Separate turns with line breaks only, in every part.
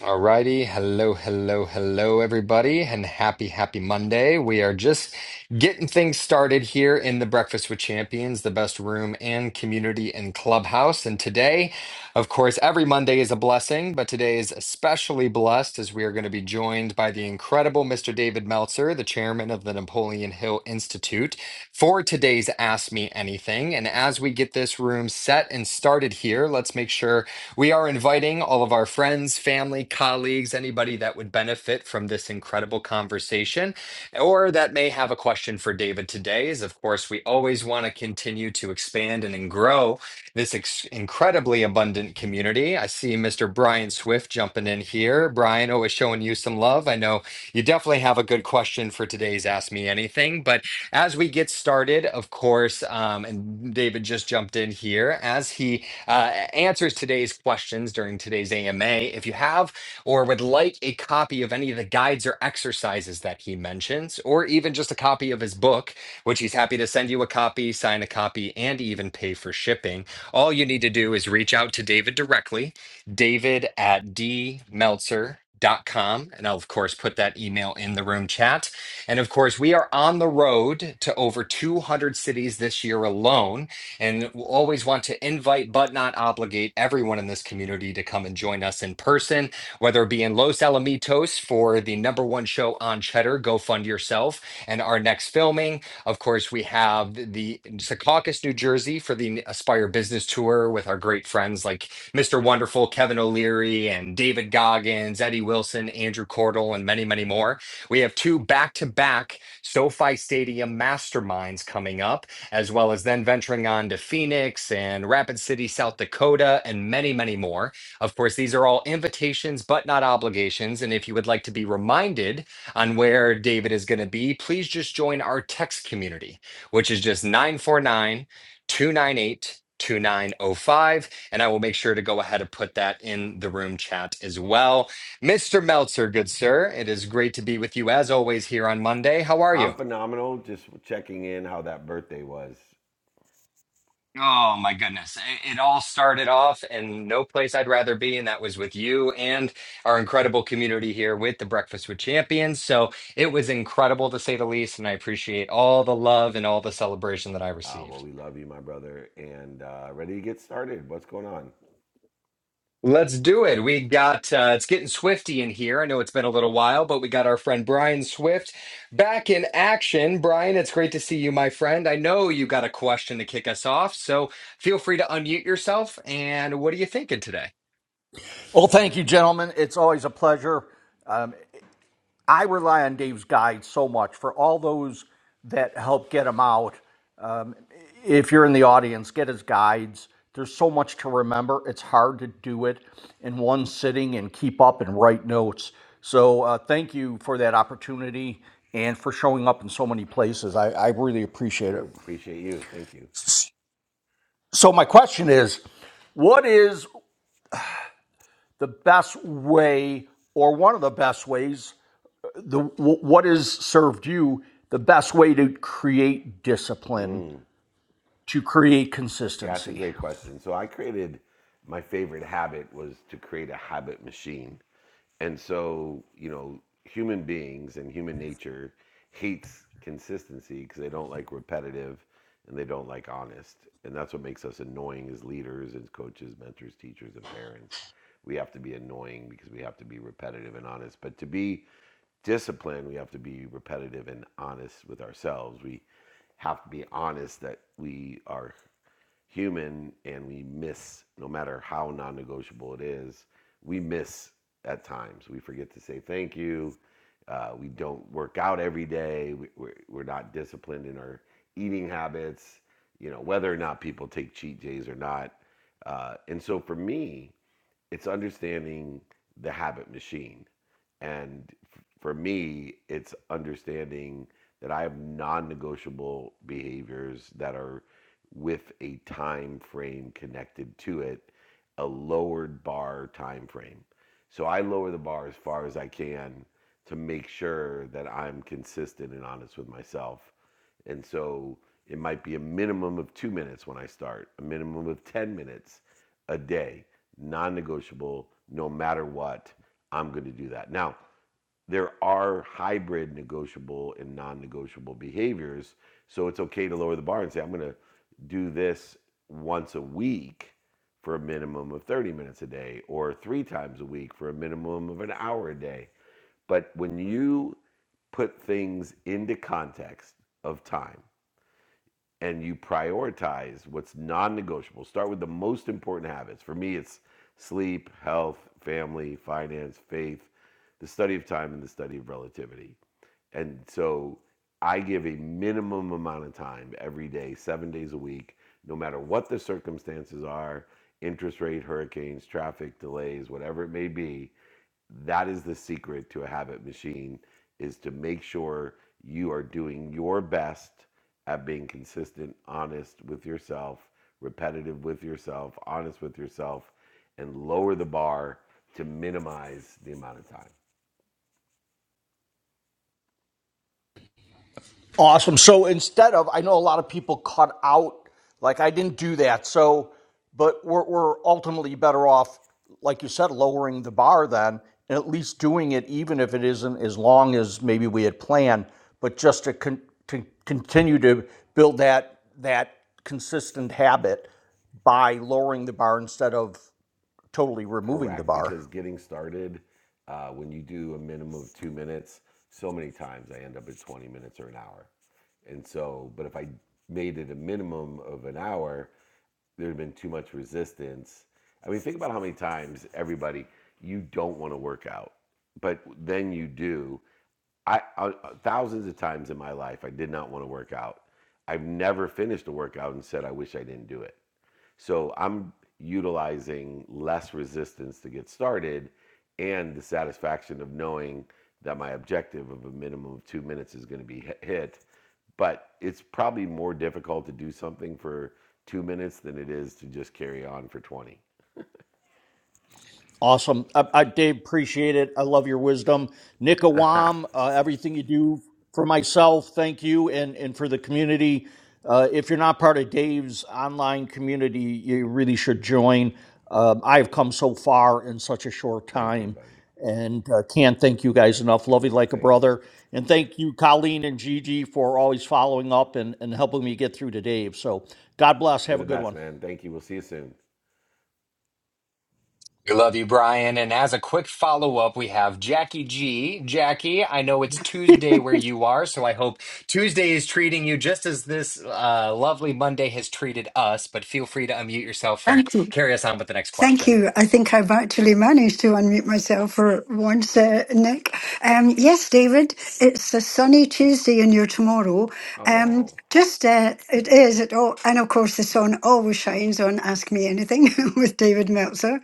Alrighty, hello, hello, hello, everybody, and happy, happy Monday. We are just getting things started here in the Breakfast with Champions, the best room and community and clubhouse. And today, of course, every Monday is a blessing, but today is especially blessed as we are going to be joined by joined by the incredible Mr. David Meltzer, the chairman of the Napoleon Hill Institute, for today's Ask Me Anything. And as we get this room set and started here, let's make sure we are inviting all of our friends, family, colleagues, anybody that would benefit from this incredible conversation or that may have a question for David today. Is of course, we always want to continue to expand and grow this ex- incredibly abundant community. I see Mr. Brian Swift jumping in here. Brian, always showing you some love. I know you definitely have a good question for today's Ask Me Anything. But as we get started, of course, um, and David just jumped in here, as he uh, answers today's questions during today's AMA, if you have or would like a copy of any of the guides or exercises that he mentions, or even just a copy of his book, which he's happy to send you a copy, sign a copy, and even pay for shipping all you need to do is reach out to David directly, david at dmeltzer.com. And I'll, of course, put that email in the room chat. And of course, we are on the road to over 200 cities this year alone. And we'll always want to invite, but not obligate, everyone in this community to come and join us in person, whether it be in Los Alamitos for the number one show on Cheddar, Go Fund Yourself, and our next filming, of course, we have the the Secaucus, New Jersey for the Aspire Business Tour with our great friends like Mr. Wonderful, Kevin O'Leary, and David Goggins, Eddie Wilson, Andrew Cordell, and many, many more. We have two back to back SoFi Stadium masterminds coming up, as well as then venturing on to Phoenix and Rapid City, South Dakota, and many, many more. Of course, these are all invitations, but not obligations. And if you would like to be reminded, on where David is going to be, please just join our text community, which is just nine four nine two nine eight two nine zero five, And I will make sure to go ahead and put that in the room chat as well. Mr. Meltzer, good sir, it is great to be with you as always here on Monday. How are you?
I'm phenomenal. Just checking in how that birthday was.
Oh my goodness. It, it all started off in no place I'd rather be, and that was with you and our incredible community here with the Breakfast with Champions. So it was incredible to say the least, and I appreciate all the love and all the celebration that I
Uh, well,
received.
we love you, my brother, and uh, ready to get started. What's going on?
Let's do it. We got uh, it's getting swifty in here. I know it's been a little while, but we got our friend Brian Swift back in action. Brian, it's great to see you, my friend. I know you got a question to kick us off, so feel free to unmute yourself. And what are you thinking today?
Well, thank you, gentlemen. It's always a pleasure. Um, I rely on Dave's guide so much for all those that help get him out. Um, if you're in the audience, get his guides. There's so much to remember. It's hard to do it in one sitting and keep up and write notes. So, uh, thank you for that opportunity and for showing up in so many places. I, I really appreciate
You
it.
appreciate you. Thank you.
So, my question is what is the best way, or one of the best ways? the what has served you the best way to create discipline
Mm.
to create
Yeah, that's a
consistency
great question. So I created my favorite habit was to create a habit machine. And so, you know, human beings and human nature hates consistency because they don't like repetitive and they don't like honest. And that's what makes us annoying as leaders, as coaches, mentors, teachers, and parents. We have to be annoying because we have to be repetitive and honest. But to be disciplined, we have to be repetitive and honest with ourselves. We have to be honest that we are human and we miss, no matter how non negotiable it is, we miss at times. We forget to say thank you. Uh, we don't work out every day. We, we're, we're not disciplined in our eating habits, you know, whether or not people take cheat days or not. Uh, and so for me, it's understanding the habit machine. And f- for me, it's understanding that I have non-negotiable behaviors that are with a time frame connected to it, a lowered bar time frame. So I lower the bar as far as I can to make sure that I'm consistent and honest with myself. And so it might be a minimum of 2 minutes when I start, a minimum of 10 minutes a day non-negotiable no matter what i'm going to do that now there are hybrid negotiable and non-negotiable behaviors so it's okay to lower the bar and say i'm going to do this once a week for a minimum of 30 minutes a day or three times a week for a minimum of an hour a day but when you put things into context of time and you prioritize what's non-negotiable. Start with the most important habits. For me, it's sleep, health, family, finance, faith, the study of time, and the study of relativity. And so I give a minimum amount of time every day, seven days a week, no matter what the circumstances are interest rate, hurricanes, traffic delays, whatever it may be that is the secret to a habit machine is to make sure you are doing your best at being consistent honest with yourself repetitive with yourself honest with yourself and lower the bar to minimize the amount of time
awesome so instead of i know a lot of people cut out like i didn't do that so but we're, we're ultimately better off like you said lowering the bar then and at least doing it even if it isn't as long as maybe we had planned but just to, con- to continue to build that that consistent habit by lowering the bar instead of totally removing the
correct
bar.
because getting started uh, when you do a minimum of two minutes so many times i end up at 20 minutes or an hour and so but if i made it a minimum of an hour there had been too much resistance. I mean, think about how many times everybody you don't want to work out, but then you do. I, I thousands of times in my life I did not want to work out. I've never finished a workout and said I wish I didn't do it. So I'm utilizing less resistance to get started and the satisfaction of knowing that my objective of a minimum of two minutes is going to be hi- hit. But it's probably more difficult to do something for two minutes than it is to just carry on for 20.
Awesome. I, I, Dave, appreciate it. I love your wisdom. Nick Awam, uh, everything you do for myself, thank you, and, and for the community. Uh, if you're not part of Dave's online community, you really should join. Um, I've come so far in such a short
Thank you,
time
buddy.
and uh, can't thank you guys enough. Love you like a
Thank you.
brother. And thank you, Colleen and Gigi, for always following up and, and helping me get through to Dave. So God bless.
You're
Have a
the
good
best,
one.
man. Thank you. We'll see you soon.
We love you, Brian. And as a quick follow up, we have Jackie G. Jackie, I know it's Tuesday where you are, so I hope Tuesday is treating you just as this uh, lovely Monday has treated us, but feel free to unmute yourself and
Thank you.
carry us on with the next
Thank
question.
you. I think I've actually managed to unmute myself for once, uh, Nick. Um, yes, David, it's a sunny Tuesday and you're tomorrow. Um,
Oh,
just, uh, it is. It all, and of course, the sun always shines on Ask Me Anything with David Meltzer,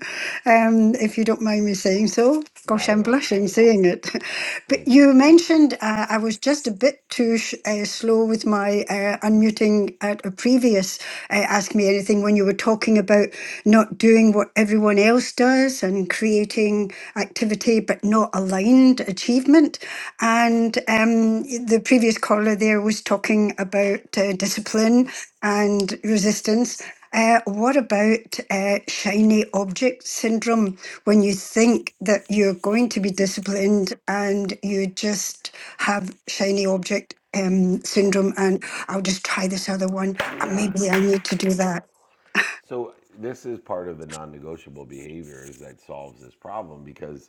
um, if you don't mind me saying so. Gosh,
not
I'm
at all.
blushing saying it. But
Thank you.
you mentioned uh, I was just a bit too sh- uh, slow with my uh, unmuting muting at a previous uh, Ask Me Anything when you were talking about not doing what everyone else does and creating activity but not aligned achievement. And um, the previous caller there was talking about uh, discipline and resistance. Uh, what about uh, shiny object syndrome when you think that you're going to be disciplined and you just have shiny object um, syndrome? and I'll just try this other one. Uh,
Yeah.
Maybe I need to do that,
So this is part of the non-negotiable behaviors that solves this problem because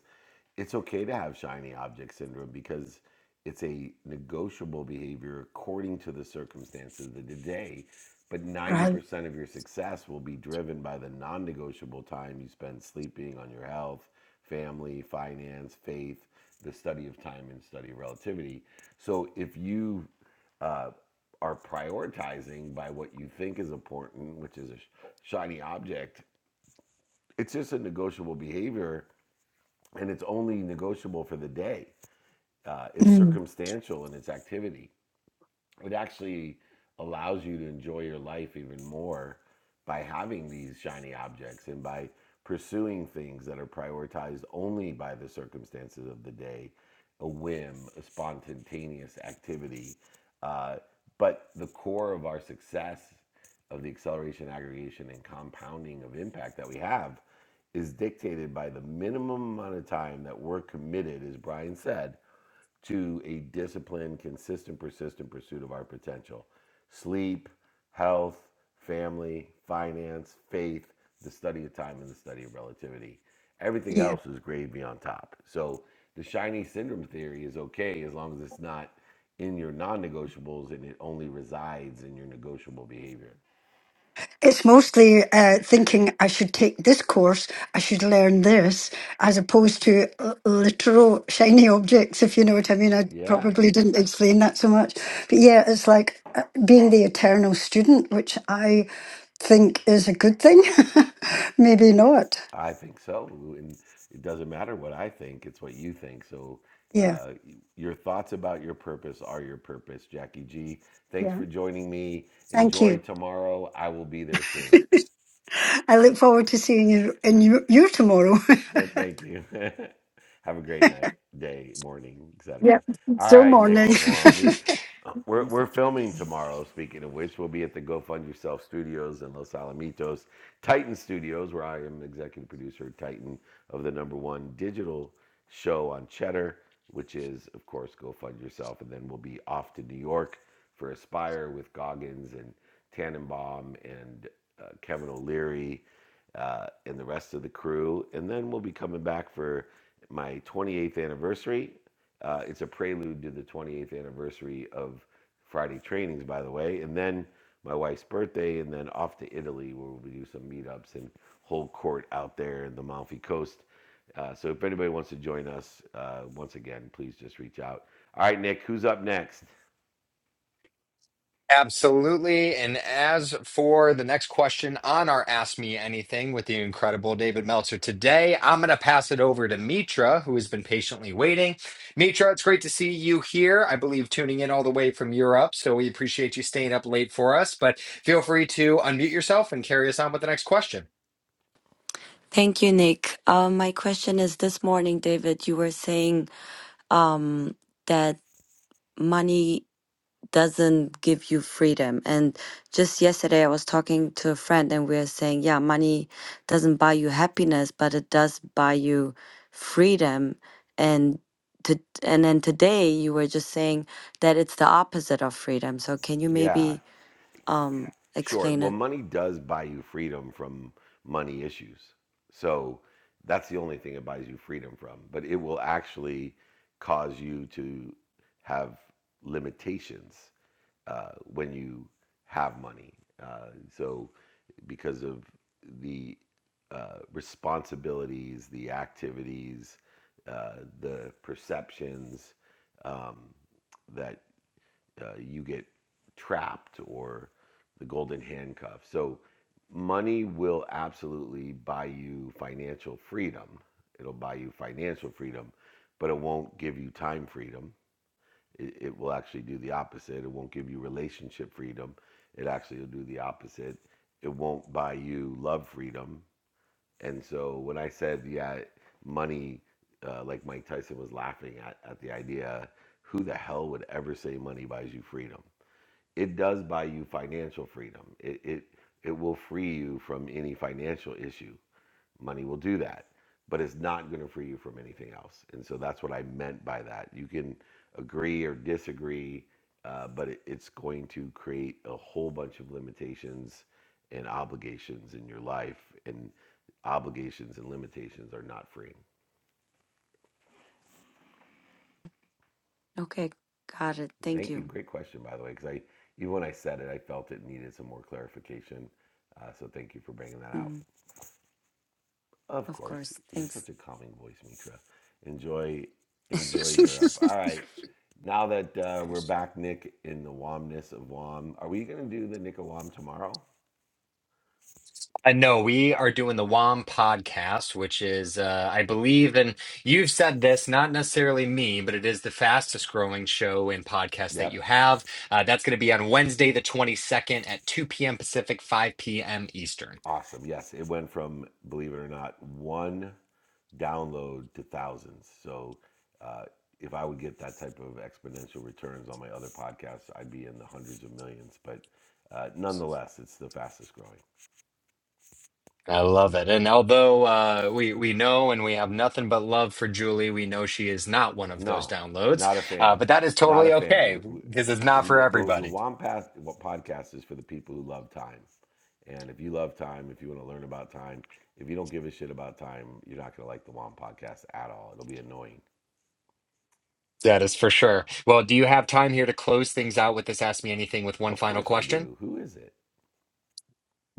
it's okay to have shiny object syndrome because it's a negotiable behavior according to the circumstances of the day. But
right?
90% of your success will be driven by the non negotiable time you spend sleeping on your health, family, finance, faith, the study of time, and study of relativity. So if you uh, are prioritizing by what you think is important, which is a sh- shiny object, it's just a negotiable behavior and it's only negotiable for the day. Uh, it's
Mm.
circumstantial in its activity it actually allows you to enjoy your life even more by having these shiny objects and by pursuing things that are prioritized only by the circumstances of the day, a whim, a spontaneous activity. Uh, but the core of our success of the acceleration, aggregation, and compounding of impact that we have is dictated by the minimum amount of time that we're committed, as Brian said, to a disciplined, consistent, persistent pursuit of our potential. Sleep, health, family, finance, faith, the study of time, and the study of relativity. Everything
Yeah.
else is gravy on top. So the shiny syndrome theory is okay as long as it's not in your non negotiables and it only resides in your negotiable behavior.
It's mostly uh, thinking I should take this course, I should learn this, as opposed to l- literal shiny objects, if you know what I mean. I
Yeah.
probably didn't explain that so much. But yeah, it's like uh, being the eternal student, which I think is a good thing. Maybe not.
I think so, and it doesn't matter what I think; it's what you think. So,
Yeah.
uh, your thoughts about your purpose are your purpose, Jackie G. Thanks
Yeah.
for joining me.
Thank
Enjoy
you.
tomorrow. I will be there soon.
I look forward to seeing you in your, you tomorrow.
Thank you. Have a great night, day, morning, etc.
Yep.
All
So
right, Nick
morning.
Avon. We're we're we're filming tomorrow. Speaking of which, we'll be at the Go Fund Yourself Studios in Los Alamitos, Titan Studios, where I am executive producer, of Titan of the number one digital show on Cheddar, which is of course Go Fund Yourself, and then we'll be off to New York for Aspire with Goggins and Tannenbaum and uh, Kevin O'Leary uh, and the rest of the crew. And then we'll be coming back for my 28th anniversary. Uh, it's a prelude to the 28th anniversary of Friday trainings, by the way. And then my wife's birthday, and then off to Italy, where we'll do some meetups and whole court out there in the Malfi Coast. Uh, so if anybody wants to join us, uh, once again, please just reach out. All right, Nick, who's up next?
Absolutely. And as for the next question on our Ask Me Anything with the incredible David Meltzer today, I'm going to pass it over to Mitra, who has been patiently waiting. Mitra, it's great to see you here. I believe tuning in all the way from Europe. So we appreciate you staying up late for us, but feel free to unmute yourself and carry us on with the next question.
Thank you, Nick. Uh, my question is this morning, David, you were saying um, that money doesn't give you freedom. And just yesterday, I was talking to a friend, and we were saying, yeah, money doesn't buy you happiness, but it does buy you freedom. And to, and then today, you were just saying that it's the opposite of freedom. So can you
Yeah.
maybe um,
Sure.
explain
Well,
it?
money does buy you freedom from money issues. So that's the only thing it buys you freedom from. But it will actually cause you to have limitations uh, when you have money. Uh, so because of the uh, responsibilities, the activities, uh, the perceptions um, that uh, you get trapped or the golden handcuff. So money will absolutely buy you financial freedom. It'll buy you financial freedom, but it won't give you time freedom. It, it will actually do the opposite. It won't give you relationship freedom. It actually will do the opposite. It won't buy you love freedom. And so when I said, yeah, money, uh, like Mike Tyson was laughing at, at the idea, who the hell would ever say money buys you freedom? it does buy you financial freedom. It, it it will free you from any financial issue. Money will do that, but it's not going to free you from anything else. And so that's what I meant by that. You can agree or disagree, uh, but it, it's going to create a whole bunch of limitations and obligations in your life. And obligations and limitations are not free.
Okay, got it. Thank
Thank you.
you.
Great question, by the way, because I even when I said it, I felt it needed some more clarification. Uh, so thank you for bringing that out.
Mm,
Of
of
course,
course.
you're
Thanks.
such a calming voice, Mitra. Enjoy, enjoy Europe. All right, now that uh, we're back, Nick, in the Womness of Wom, are we going to do the Nick of Wom tomorrow?
Uh, no, we are doing the WOM podcast, which is, uh, I believe, and you've said this, not necessarily me, but it is the fastest growing show and podcast that
Yep,
you have. Uh, that's going to be on Wednesday, the 22nd at 2 p.m. Pacific, 5 p.m. Eastern.
awesome. Yes, it went from believe it or not one download to thousands. So, uh, if I would get that type of exponential returns on my other podcasts, I'd be in the hundreds of millions. But uh, nonetheless, it's the fastest growing.
I love it. And although uh, we, we know and we have nothing but love for Julie, we know she is not one of those
No,
downloads,
not a
uh,
fan.
but that is
Not a
totally
fan.
okay
We,
because it's not
we,
for
the, the, the
everybody.
WOM podcast is for the people who love time. And if you love time, if you want to learn about time, if you don't give a shit about time, you're not going to like the WOM podcast at all. It'll be annoying.
That is for sure. Well, do you have time here to close things out with this Ask Me Anything with one
Of
final
course I
question?
do. Who is it?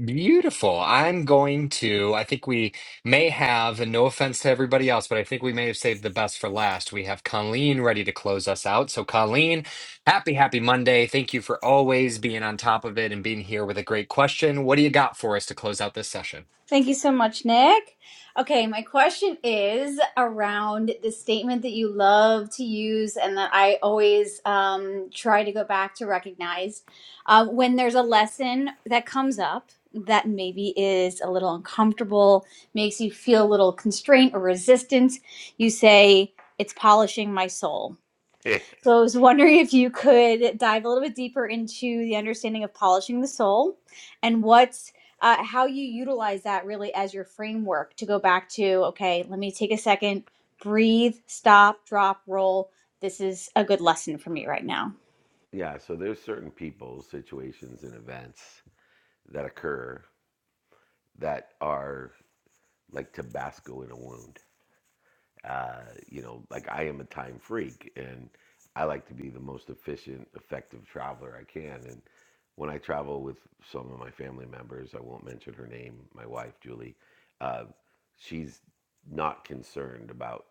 Beautiful. I'm going to, I think we may have, and no offense to everybody else, but I think we may have saved the best for last. We have Colleen ready to close us out. So, Colleen, happy, happy Monday. Thank you for always being on top of it and being here with a great question. What do you got for us to close out this session?
Thank you so much, Nick. Okay, my question is around the statement that you love to use and that I always um, try to go back to recognize uh, when there's a lesson that comes up that maybe is a little uncomfortable, makes you feel a little constraint or resistance. You say, It's polishing my soul so I was wondering if you could dive a little bit deeper into the understanding of polishing the soul and what's uh, how you utilize that really as your framework to go back to, okay, let me take a second, breathe, stop, drop, roll. This is a good lesson for me right now.
Yeah, so there's certain people, situations, and events that occur that are like Tabasco in a wound. Uh, you know, like I am a time freak and I like to be the most efficient, effective traveler I can. And when I travel with some of my family members, I won't mention her name, my wife, Julie, uh, she's not concerned about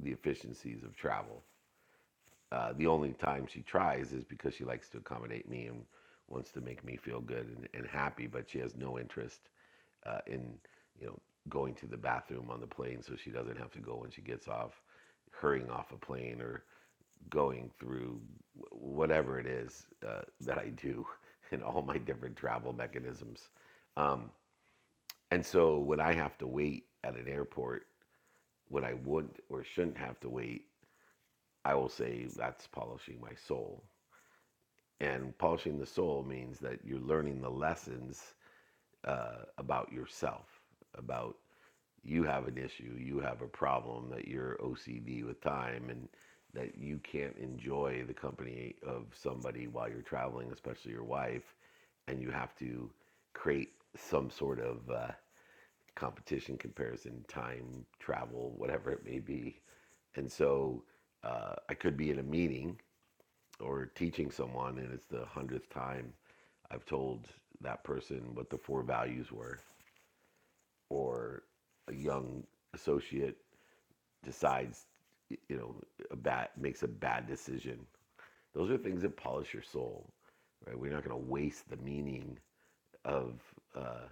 the efficiencies of travel. Uh, the only time she tries is because she likes to accommodate me and wants to make me feel good and, and happy, but she has no interest uh, in you know going to the bathroom on the plane so she doesn't have to go when she gets off hurrying off a plane or going through whatever it is uh, that I do in all my different travel mechanisms. Um, and so when I have to wait at an airport, when I wouldn't or shouldn't have to wait, I will say that's polishing my soul. And polishing the soul means that you're learning the lessons uh, about yourself, about you have an issue, you have a problem that you're OCD with time and that you can't enjoy the company of somebody while you're traveling, especially your wife, and you have to create some sort of uh, competition, comparison, time, travel, whatever it may be. And so uh, I could be in a meeting or teaching someone, and it's the hundredth time I've told that person what the four values were, or a young associate decides, you know, a bad makes a bad decision. Those are things that polish your soul, right? We're not going to waste the meaning of uh,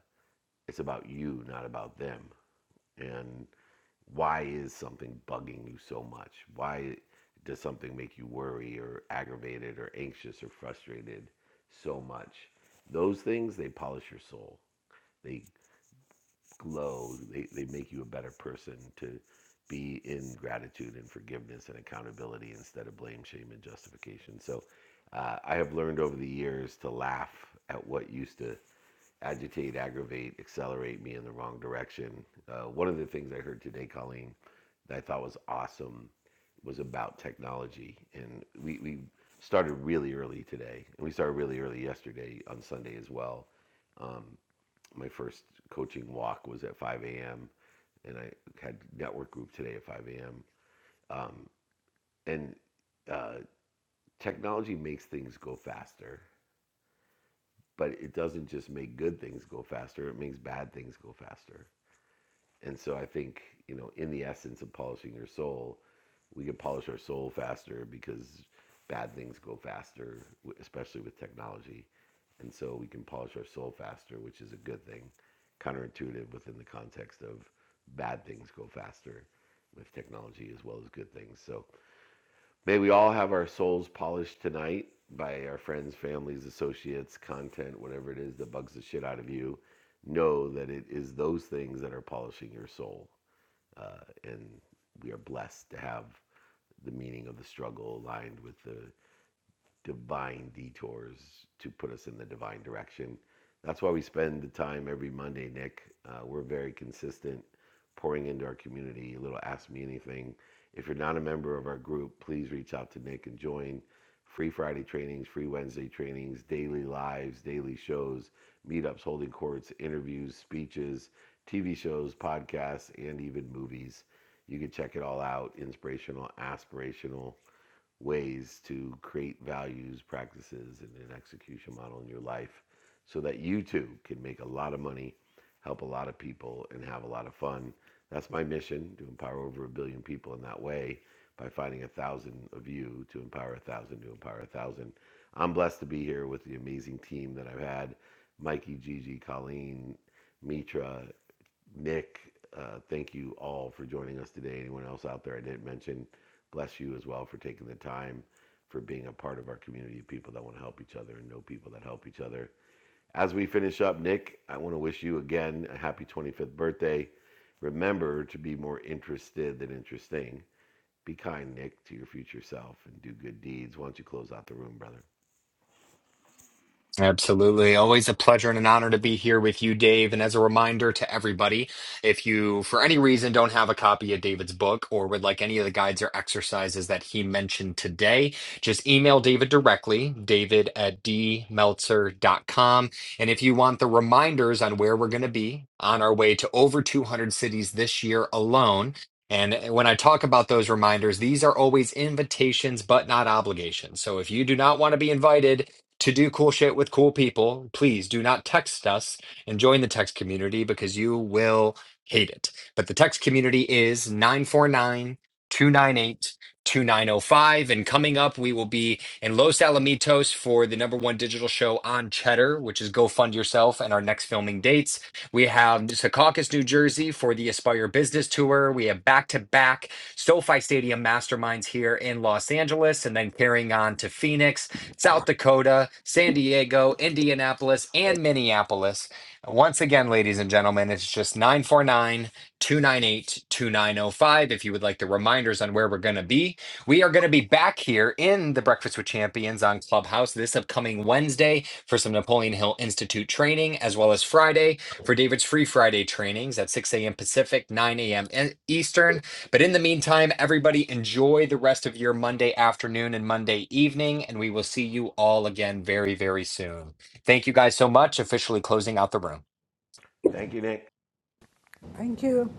it's about you, not about them. And why is something bugging you so much? Why does something make you worry or aggravated or anxious or frustrated so much? Those things they polish your soul. They Glow. They, they make you a better person to be in gratitude and forgiveness and accountability instead of blame, shame, and justification. So uh, I have learned over the years to laugh at what used to agitate, aggravate, accelerate me in the wrong direction. Uh, one of the things I heard today, Colleen, that I thought was awesome was about technology. And we, we started really early today, and we started really early yesterday on Sunday as well Um, my first coaching walk was at 5 a.m. and I had network group today at 5 a.m. Um, and uh, technology makes things go faster, but it doesn't just make good things go faster. It makes bad things go faster. And so I think, you know, in the essence of polishing your soul, we can polish our soul faster because bad things go faster, especially with technology. And so we can polish our soul faster, which is a good thing, counterintuitive within the context of bad things go faster with technology as well as good things. So may we all have our souls polished tonight by our friends, families, associates, content, whatever it is that bugs the shit out of you. Know that it is those things that are polishing your soul. Uh, and we are blessed to have the meaning of the struggle aligned with the divine detours to put us in the divine direction. That's why we spend the time every Monday, Nick. Uh, we're very consistent pouring into our community. A little Ask Me Anything. If you're not a member of our group, please reach out to Nick and join. Free Friday trainings, free Wednesday trainings, daily lives, daily shows, meetups, holding courts, interviews, speeches, TV shows, podcasts, and even movies. You can check it all out. Inspirational, aspirational ways to create values, practices, and an execution model in your life so that you too can make a lot of money, help a lot of people, and have a lot of fun. That's my mission to empower over a billion people in that way by finding a thousand of you to empower a thousand to empower a thousand. I'm blessed to be here with the amazing team that I've had Mikey, Gigi, Colleen, Mitra. Nick, uh, thank you all for joining us today. Anyone else out there I didn't mention, bless you as well for taking the time for being a part of our community of people that want to help each other and know people that help each other. As we finish up, Nick, I want to wish you again a happy 25th birthday. Remember to be more interested than interesting. Be kind, Nick, to your future self and do good deeds. Why don't you close out the room, brother?
Absolutely. Always a pleasure and an honor to be here with you, Dave. And as a reminder to everybody, if you, for any reason, don't have a copy of David's book or would like any of the guides or exercises that he mentioned today, just email David directly, david at d meltzer dot com. And if you want the reminders on where we're going to be on our way to over 200 cities this year alone, and eh, when I talk about those reminders, these are always invitations, but not obligations. So if you do not want to be invited, to do cool shit with cool people, please do not text us and join the text community because you will hate it. But the text community is nine four nine two nine eight two nine zero five. And coming up, we will be in Los Alamitos for the number one digital show on Cheddar, which is Go Fund Yourself, and our next filming dates. We have Secaucus, New Jersey for the Aspire Business Tour. We have back to back SoFi Stadium masterminds here in Los Angeles, and then carrying on to Phoenix South Dakota, San Diego, Indianapolis, and Minneapolis. Once again, ladies and gentlemen, it's just nine four nine two nine eight two nine zero five. If you would like the reminders on where we're going to be, we are going to be back here in the Breakfast with Champions on Clubhouse this upcoming Wednesday for some Napoleon Hill Institute training, as well as Friday for David's Free Friday trainings at 6 a.m. Pacific, 9 a.m. E- Eastern. But in the meantime, everybody enjoy the rest of your Monday afternoon and Monday evening, and we will see you all again very, very soon. Thank you guys so much. Officially closing out the room.
Thank you, Nick.
Thank you.